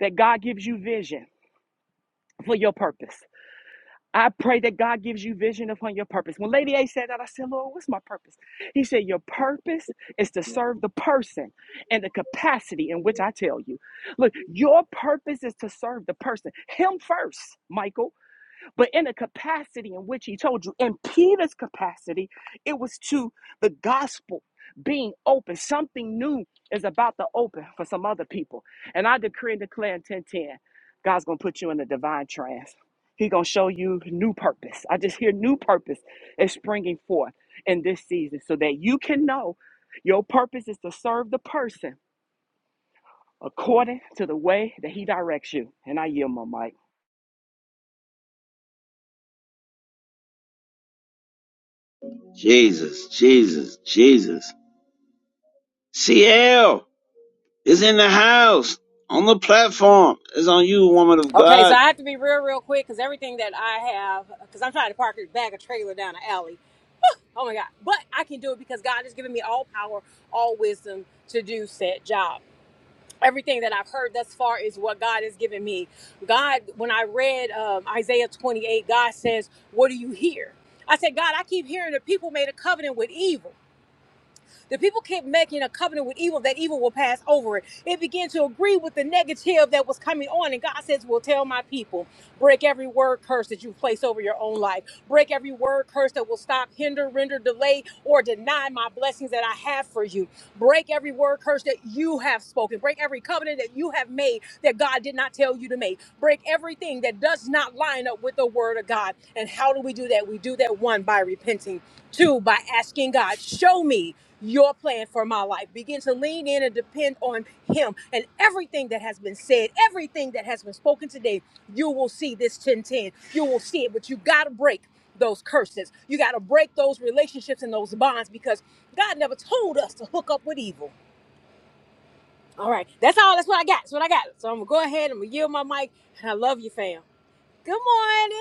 Speaker 2: that God gives you vision for your purpose. I pray that God gives you vision upon your purpose. When Lady A said that, I said, Lord, what's my purpose? He said, Your purpose is to serve the person and the capacity in which I tell you. Look, your purpose is to serve the person, Him first, Michael but in the capacity in which he told you, in Peter's capacity, it was to the gospel being open. Something new is about to open for some other people. And I decree and declare in 1010, God's gonna put you in a divine trance. He's gonna show you new purpose. I just hear new purpose is springing forth in this season so that you can know your purpose is to serve the person according to the way that he directs you. And I yield my mic.
Speaker 1: Jesus, Jesus, Jesus. CL is in the house on the platform. It's on you, woman of
Speaker 4: Okay,
Speaker 1: God.
Speaker 4: so I have to be real, real quick because everything that I have, because I'm trying to park a bag of trailer down the alley. Oh my God. But I can do it because God has given me all power, all wisdom to do said job. Everything that I've heard thus far is what God has given me. God, when I read um, Isaiah 28, God says, What do you hear? I said, God, I keep hearing that people made a covenant with evil. The people kept making a covenant with evil that evil will pass over it. It began to agree with the negative that was coming on. And God says, Well, tell my people, break every word curse that you place over your own life. Break every word curse that will stop, hinder, render, delay, or deny my blessings that I have for you. Break every word curse that you have spoken. Break every covenant that you have made that God did not tell you to make. Break everything that does not bind up with the word of God. And how do we do that? We do that one by repenting, two by asking God, show me your plan for my life. Begin to lean in and depend on him and everything that has been said, everything that has been spoken today. You will see this 1010. You will see it, but you got to break those curses. You got to break those relationships and those bonds because God never told us to hook up with evil. All right, that's all. That's what I got. That's what I got. So I'm gonna go ahead. and I'm gonna yield my mic, and I love you, fam. Good morning.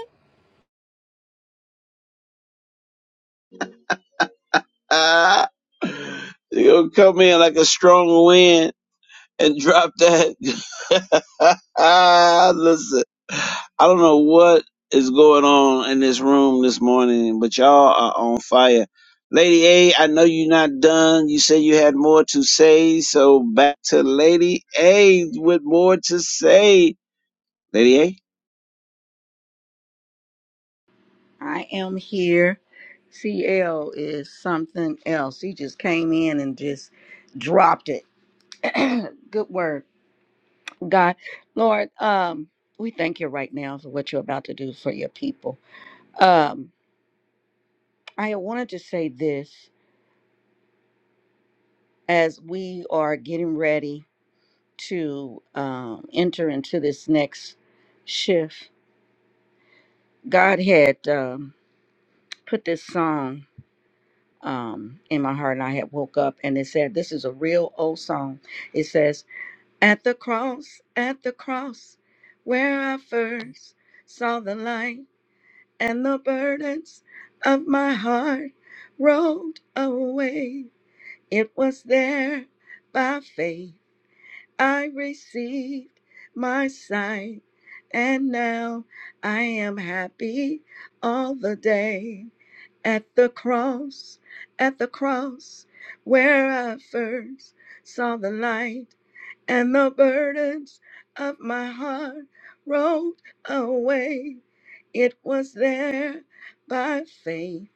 Speaker 1: Ah, you gonna come in like a strong wind and drop that. [LAUGHS] Ah, Listen, I don't know what is going on in this room this morning, but y'all are on fire. Lady A, I know you're not done. You said you had more to say, so back to Lady A with more to say. Lady A?
Speaker 3: I am here. CL is something else. He just came in and just dropped it. [CLEARS THROAT] Good word. God, Lord, um, we thank you right now for what you're about to do for your people. Um, I wanted to say this as we are getting ready. to um, enter into this next shift, God had um, put this song um, in my heart, and I had woke up, and it said, "This is a real old song." It says, "At the cross, at the cross, where I first saw the light, and the burdens of my heart rolled away. It was there by faith." I received my sight, and now I am happy all the day. At the cross, at the cross, where I first saw the light, and the burdens of my heart rolled away. It was there by faith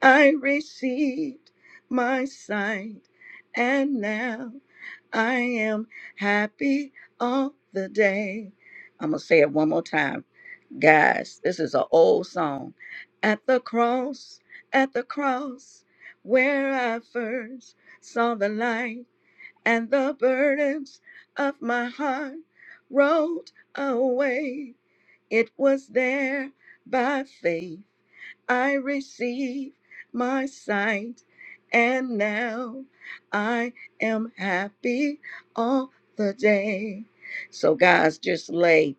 Speaker 3: I received my sight, and now I am happy all the day. I'm going to say it one more time. Guys, this is an old song. At the cross, at the cross, where I first saw the light and the burdens of my heart rolled away. It was there by faith I receive my sight, and now I am happy all the day. So, guys, just lay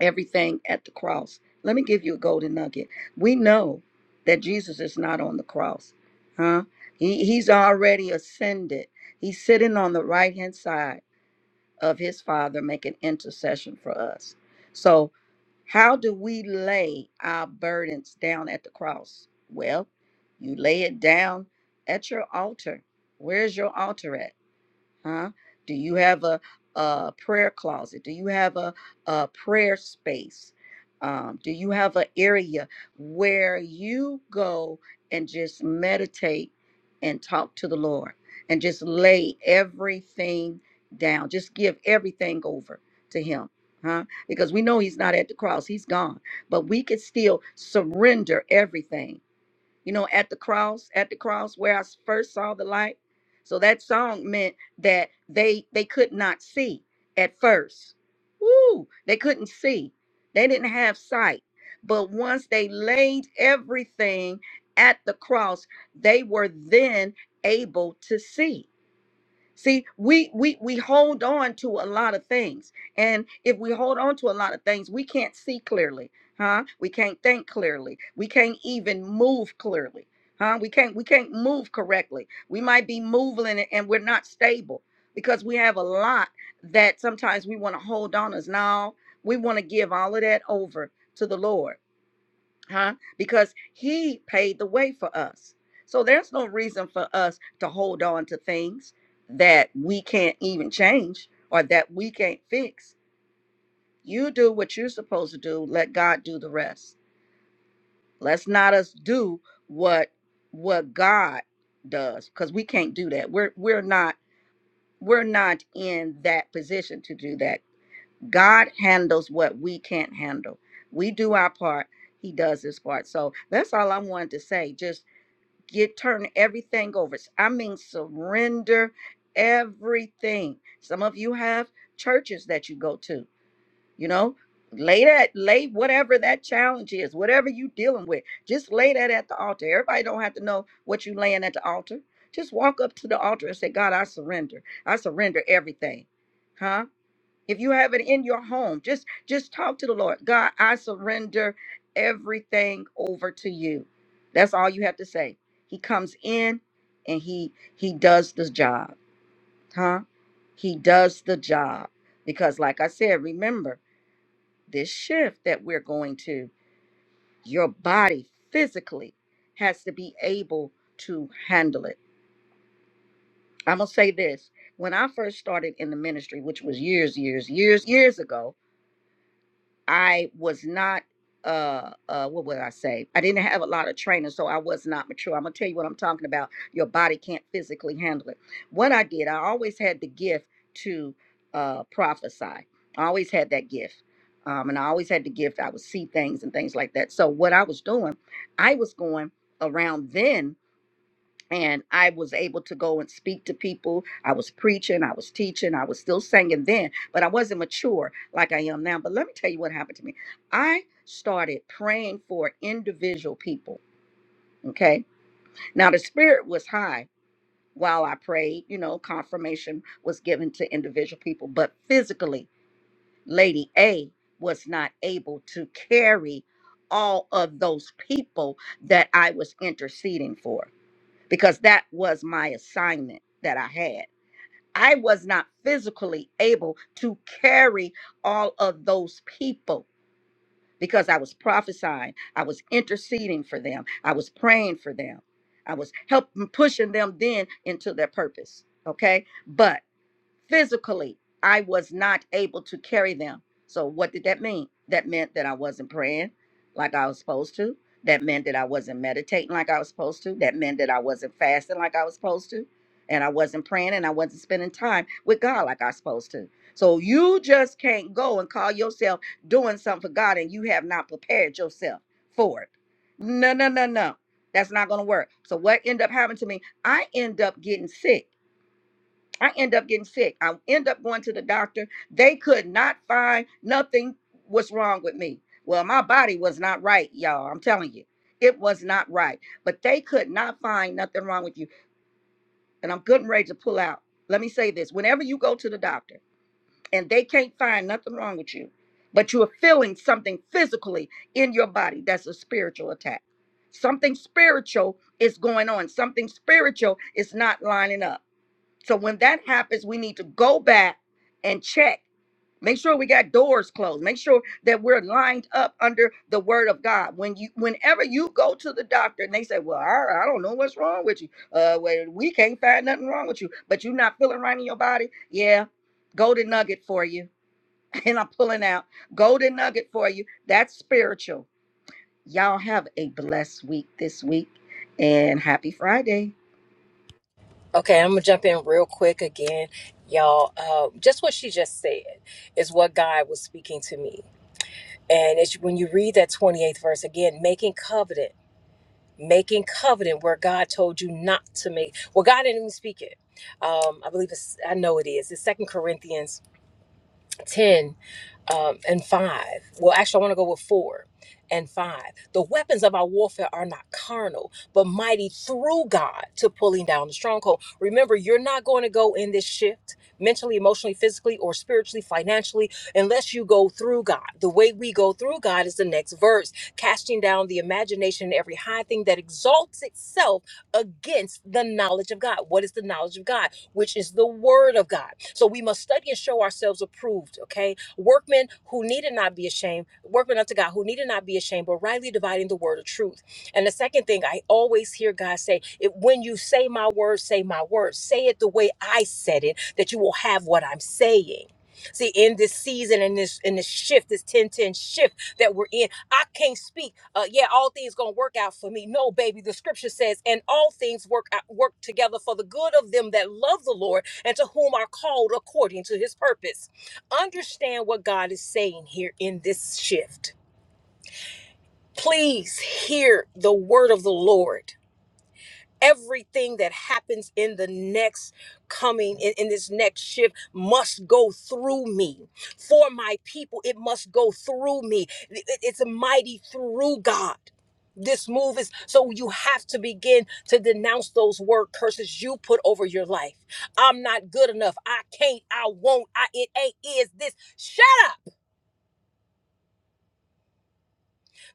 Speaker 3: everything at the cross. Let me give you a golden nugget. We know that Jesus is not on the cross, huh? He, he's already ascended, he's sitting on the right hand side of his Father making intercession for us. So, how do we lay our burdens down at the cross? Well, you lay it down at your altar. Where's your altar at? huh? Do you have a, a prayer closet? Do you have a, a prayer space? Um, do you have an area where you go and just meditate and talk to the Lord and just lay everything down? Just give everything over to Him, huh? Because we know He's not at the cross, He's gone, but we can still surrender everything you know, at the cross, at the cross where I s- first saw the light. So that song meant that they they could not see at first. Woo! They couldn't see. They didn't have sight. But once they laid everything at the cross, they were then able to see. See, we we we hold on to a lot of things. And if we hold on to a lot of things, we can't see clearly, huh? We can't think clearly. We can't even move clearly. Huh? We can't we can't move correctly. We might be moving and and we're not stable because we have a lot that sometimes we want to hold on us. Now we want to give all of that over to the Lord huh? Because he paid the way for us. So there's no reason for us to hold on to things that we can't even change or that we can't fix. You do what you're supposed to do, let God do the rest. Let's not us do what what God does cuz we can't do that. We're we're not we're not in that position to do that. God handles what we can't handle. We do our part, he does his part. So that's all I wanted to say. Just get turn everything over. I mean surrender everything. Some of you have churches that you go to, you know. Lay that, lay whatever that challenge is, whatever you dealing with, just lay that at the altar. Everybody don't have to know what you laying at the altar. Just walk up to the altar and say, God, I surrender. I surrender everything. Huh? if you have it in your home just just talk to the lord god i surrender everything over to you that's all you have to say he comes in and he he does the job huh he does the job because like i said remember this shift that we're going to your body physically has to be able to handle it i'm going to say this when i first started in the ministry which was years years years years ago I was not uh uh what would I say? I didn't have a lot of training, so I was not mature. I'm gonna tell you what I'm talking about. Your body can't physically handle it. What I did, I always had the gift to uh prophesy. I always had that gift. Um, and I always had the gift. I would see things and things like that. So what I was doing, I was going around then and I was able to go and speak to people. I was preaching, I was teaching, I was still singing then, but I wasn't mature like I am now. But let me tell you what happened to me. I started praying for individual people. Okay. Now the spirit was high while I prayed, you know, confirmation was given to individual people, but physically, Lady A was not able to carry all of those people that I was interceding for because that was my assignment that I had. I was not physically able to carry all of those people because I was prophesying, I was interceding for them, I was praying for them, I was helping pushing them then into their purpose. Okay. But physically i was not able to carry them so what did that mean that meant that i wasn't praying like i was supposed to that meant that i wasn't meditating like i was supposed to that meant that i wasn't fasting like i was supposed to and i wasn't praying and i wasn't spending time with god like i was supposed to so you just can't go and call yourself doing something for god and you have not prepared yourself for it no no no no that's not going to work so what ended up happening to me i end up getting sick I end up getting sick. I end up going to the doctor. They could not find nothing was wrong with me. Well, my body was not right, y'all. I'm telling you, it was not right. But they could not find nothing wrong with you. And I'm good and ready to pull out. Let me say this whenever you go to the doctor and they can't find nothing wrong with you, but you are feeling something physically in your body, that's a spiritual attack. Something spiritual is going on, something spiritual is not lining up. So when that happens, we need to go back and check. Make sure we got doors closed. Make sure that we're lined up under the word of God. When you whenever you go to the doctor and they say, Well, I, I don't know what's wrong with you. Uh well, we can't find nothing wrong with you, but you're not feeling right in your body. Yeah. Golden nugget for you. [LAUGHS] And I'm pulling out. Golden nugget for you. That's spiritual Y'all have a blessed week this week and happy Friday.
Speaker 4: Okay, I'm gonna jump in real quick again, y'all. Uh, just what she just said is what God was speaking to me, and it's when you read that 28th verse again, making covenant, making covenant where God told you not to make. Well, God didn't even speak it. Um, I believe it's. I know it is. It's Second Corinthians 10 um, and 5. Well, actually, I want to go with 4 and 5. The weapons of our warfare are not carnal, but mighty through God to pulling down the stronghold. Remember, you're not going to go in this shift mentally, emotionally, physically, or spiritually, financially, unless you go through God. The way we go through God is the next verse, casting down the imagination and every high thing that exalts itself against the knowledge of God. What is the knowledge of God? which is the word of God. So we must study and show ourselves approved, okay? Workmen who needed not be ashamed, workmen unto God who needed not be ashamed, but rightly dividing the word of truth. And the second thing I always hear God say, it, when you say my word, say my word. Say it the way I said it, that you will have what I'm saying. See, in this season, in this in this shift, this ten ten shift that we're in. I can't speak. Uh, yeah, all things gonna work out for me. No, baby. The scripture says, and all things work out, work together for the good of them that love the Lord and to whom are called according to His purpose. Understand what God is saying here in this shift. Please hear the word of the Lord everything that happens in the next coming in, in this next shift must go through me for my people it must go through me It- it- it's a mighty through god this move is so you have to begin to denounce those word curses you put over your life i'm not good enough i can't i won't i it ain't is this shut up.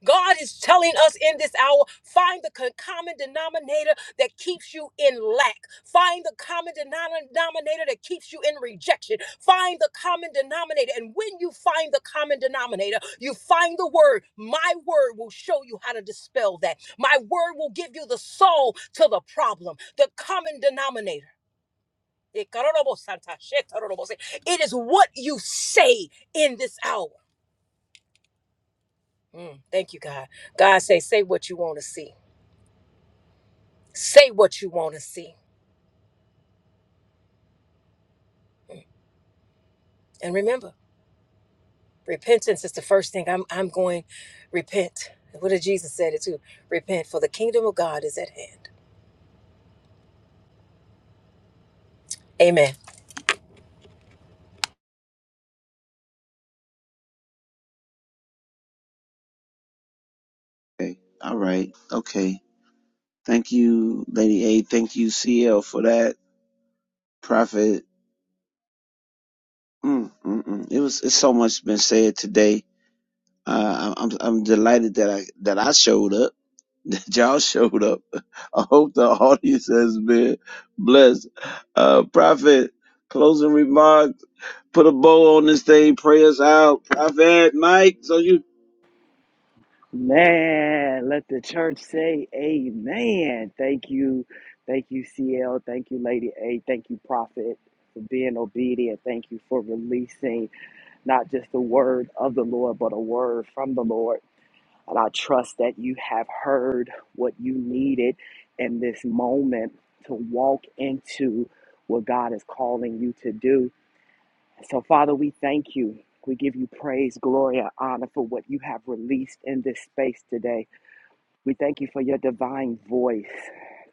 Speaker 4: God is telling us in this hour find the co- common denominator that keeps you in lack. Find the common denom- denominator that keeps you in rejection. Find the common denominator. And when you find the common denominator, you find the word. My word will show you how to dispel that. My word will give you the soul to the problem, the common denominator. It is what you say in this hour. Mm, thank you, God. God say, say what you want to see. Say what you want to see. And remember, repentance is the first thing. I'm I'm going repent. What did Jesus say? it too? Repent, for the kingdom of God is at hand. Amen.
Speaker 1: Okay. All right. Okay. Thank you, Lady A. Thank you, CL, for that. Prophet Mm, mm, mm. It was. It's so much been said today. Uh, I'm I'm delighted that I that I showed up. [LAUGHS] That y'all showed up. I hope the audience has been blessed. Uh, Prophet, closing remarks. Put a bow on this thing. Pray us out. Prophet Mike. So you.
Speaker 2: Man, let the church say amen. Thank you. Thank you, CL. Thank you, Lady A. Thank you, Prophet, for being obedient. Thank you for releasing not just the word of the Lord, but a word from the Lord. And I trust that you have heard what you needed in this moment to walk into what God is calling you to do. So, Father, we thank you. We give you praise, glory, and honor for what you have released in this space today. We thank you for your divine voice.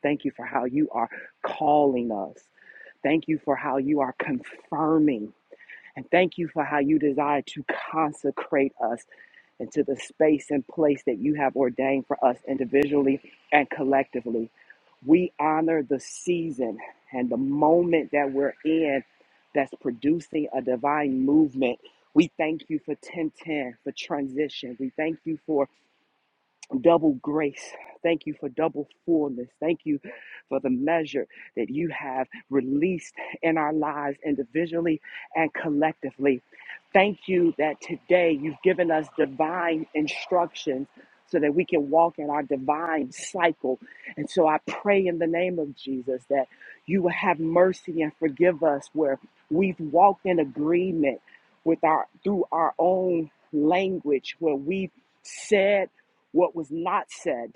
Speaker 2: Thank you for how you are calling us. Thank you for how you are confirming. And thank you for how you desire to consecrate us into the space and place that you have ordained for us individually and collectively. We honor the season and the moment that we're in that's producing a divine movement. We thank you for 1010, for transition. We thank you for double grace. Thank you for double fullness. Thank you for the measure that you have released in our lives individually and collectively. Thank you that today you've given us divine instructions so that we can walk in our divine cycle. And so I pray in the name of Jesus that you will have mercy and forgive us where we've walked in agreement with our through our own language where we've said what was not said,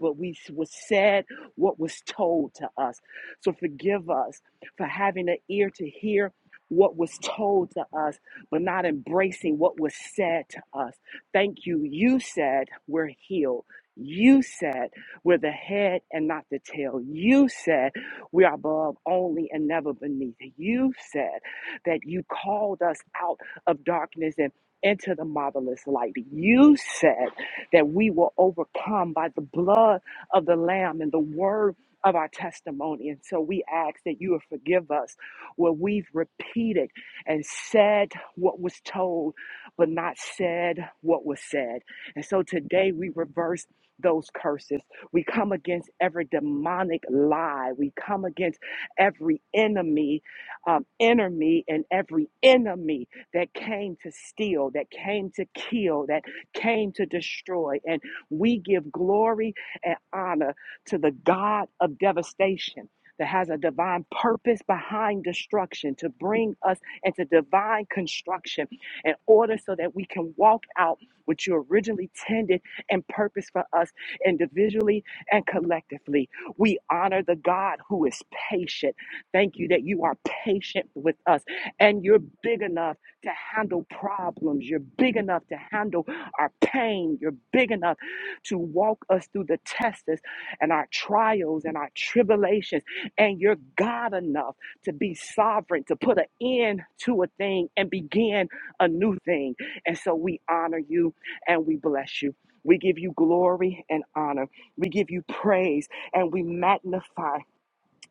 Speaker 2: but we was said what was told to us. So forgive us for having an ear to hear what was told to us, but not embracing what was said to us. Thank you. You said we're healed. You said we're the head and not the tail. You said we are above only and never beneath. You said that you called us out of darkness and into the marvelous light. You said that we will overcome by the blood of the Lamb and the word of our testimony. And so we ask that you will forgive us where we've repeated and said what was told, but not said what was said. And so today we reverse those curses. We come against every demonic lie. We come against every enemy, um, enemy, and every enemy that came to steal, that came to kill, that came to destroy. And we give glory and honor to the God of devastation that has a divine purpose behind destruction to bring us into divine construction in order so that we can walk out what you originally tended and purpose for us individually and collectively. We honor the God who is patient. Thank you that you are patient with us and you're big enough to handle problems. You're big enough to handle our pain. You're big enough to walk us through the tests and our trials and our tribulations. And you're God enough to be sovereign, to put an end to a thing and begin a new thing. And so we honor you and we bless you. We give you glory and honor. We give you praise and we magnify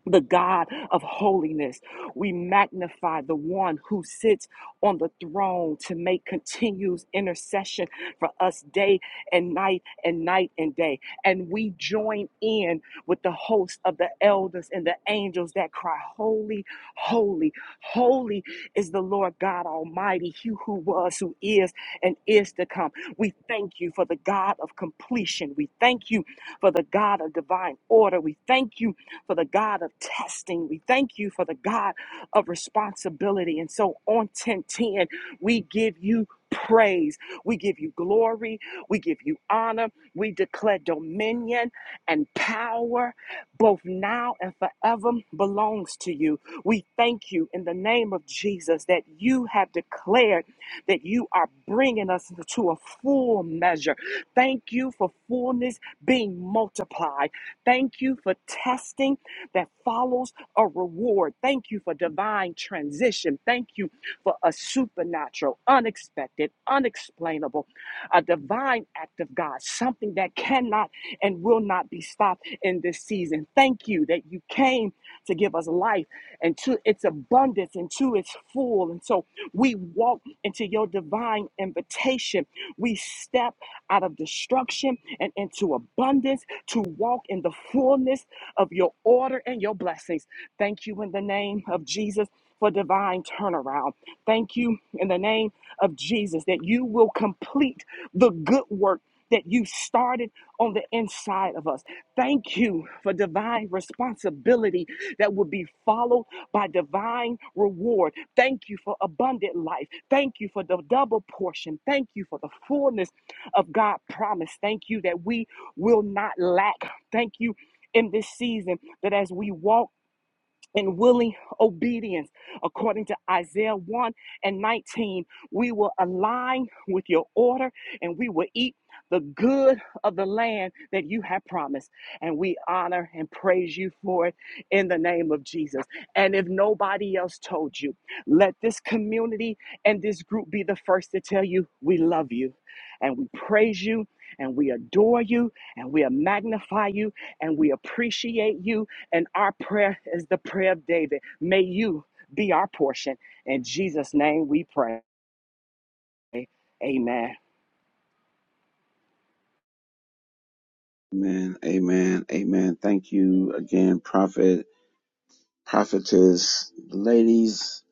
Speaker 2: the God of holiness. We magnify the one who sits on the throne to make continuous intercession for us day and night and night and day. And we join in with the host of the elders and the angels that cry, Holy, holy, holy is the Lord God Almighty, He who was, who is, and is to come. We thank you for the God of completion. We thank you for the God of divine order. We thank you for the God of testing. We thank you for the God of responsibility. And so on 1010, we give you praise. We give you glory. We give you honor. We declare dominion and power, both now and forever, belongs to you. We thank you in the name of Jesus that you have declared that you are bringing us to a full measure. Thank you for fullness being multiplied. Thank you for testing that follows a reward. Thank you for divine transition. Thank you for a supernatural, unexpected, unexplainable, a divine act of God, something that cannot and will not be stopped in this season. Thank you that you came to give us life and to its abundance and to its full. And so we walk into your divine invitation. We step out of destruction and into abundance to walk in the fullness of your order and your blessings. Thank you in the name of Jesus for divine turnaround. Thank you in the name of Jesus that you will complete the good work that you started on the inside of us. Thank you for divine responsibility that will be followed by divine reward. Thank you for abundant life. Thank you for the double portion. Thank you for the fullness of God promise. Thank you that we will not lack. Thank you in this season that as we walk and willing obedience, according to Isaiah 1 and 19, we will align with your order and we will eat the good of the land that you have promised. And we honor and praise you for it in the name of Jesus. And if nobody else told you, let this community and this group be the first to tell you we love you and we praise you. And we adore you and we magnify you and we appreciate you and our prayer is the prayer of David. May you be our portion. In Jesus' name we pray. Amen.
Speaker 1: Amen. Amen. Amen. Thank you again, Prophet, Prophetess, ladies.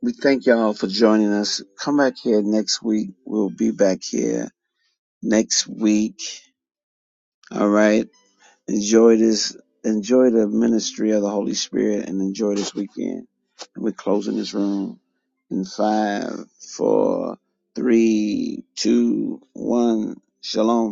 Speaker 1: We thank y'all for joining us. Come back here next week. We'll be back here next week. All right. Enjoy this. Enjoy the ministry of the Holy Spirit and enjoy this weekend. And we're closing this room in five, four, three, two, one. Shalom.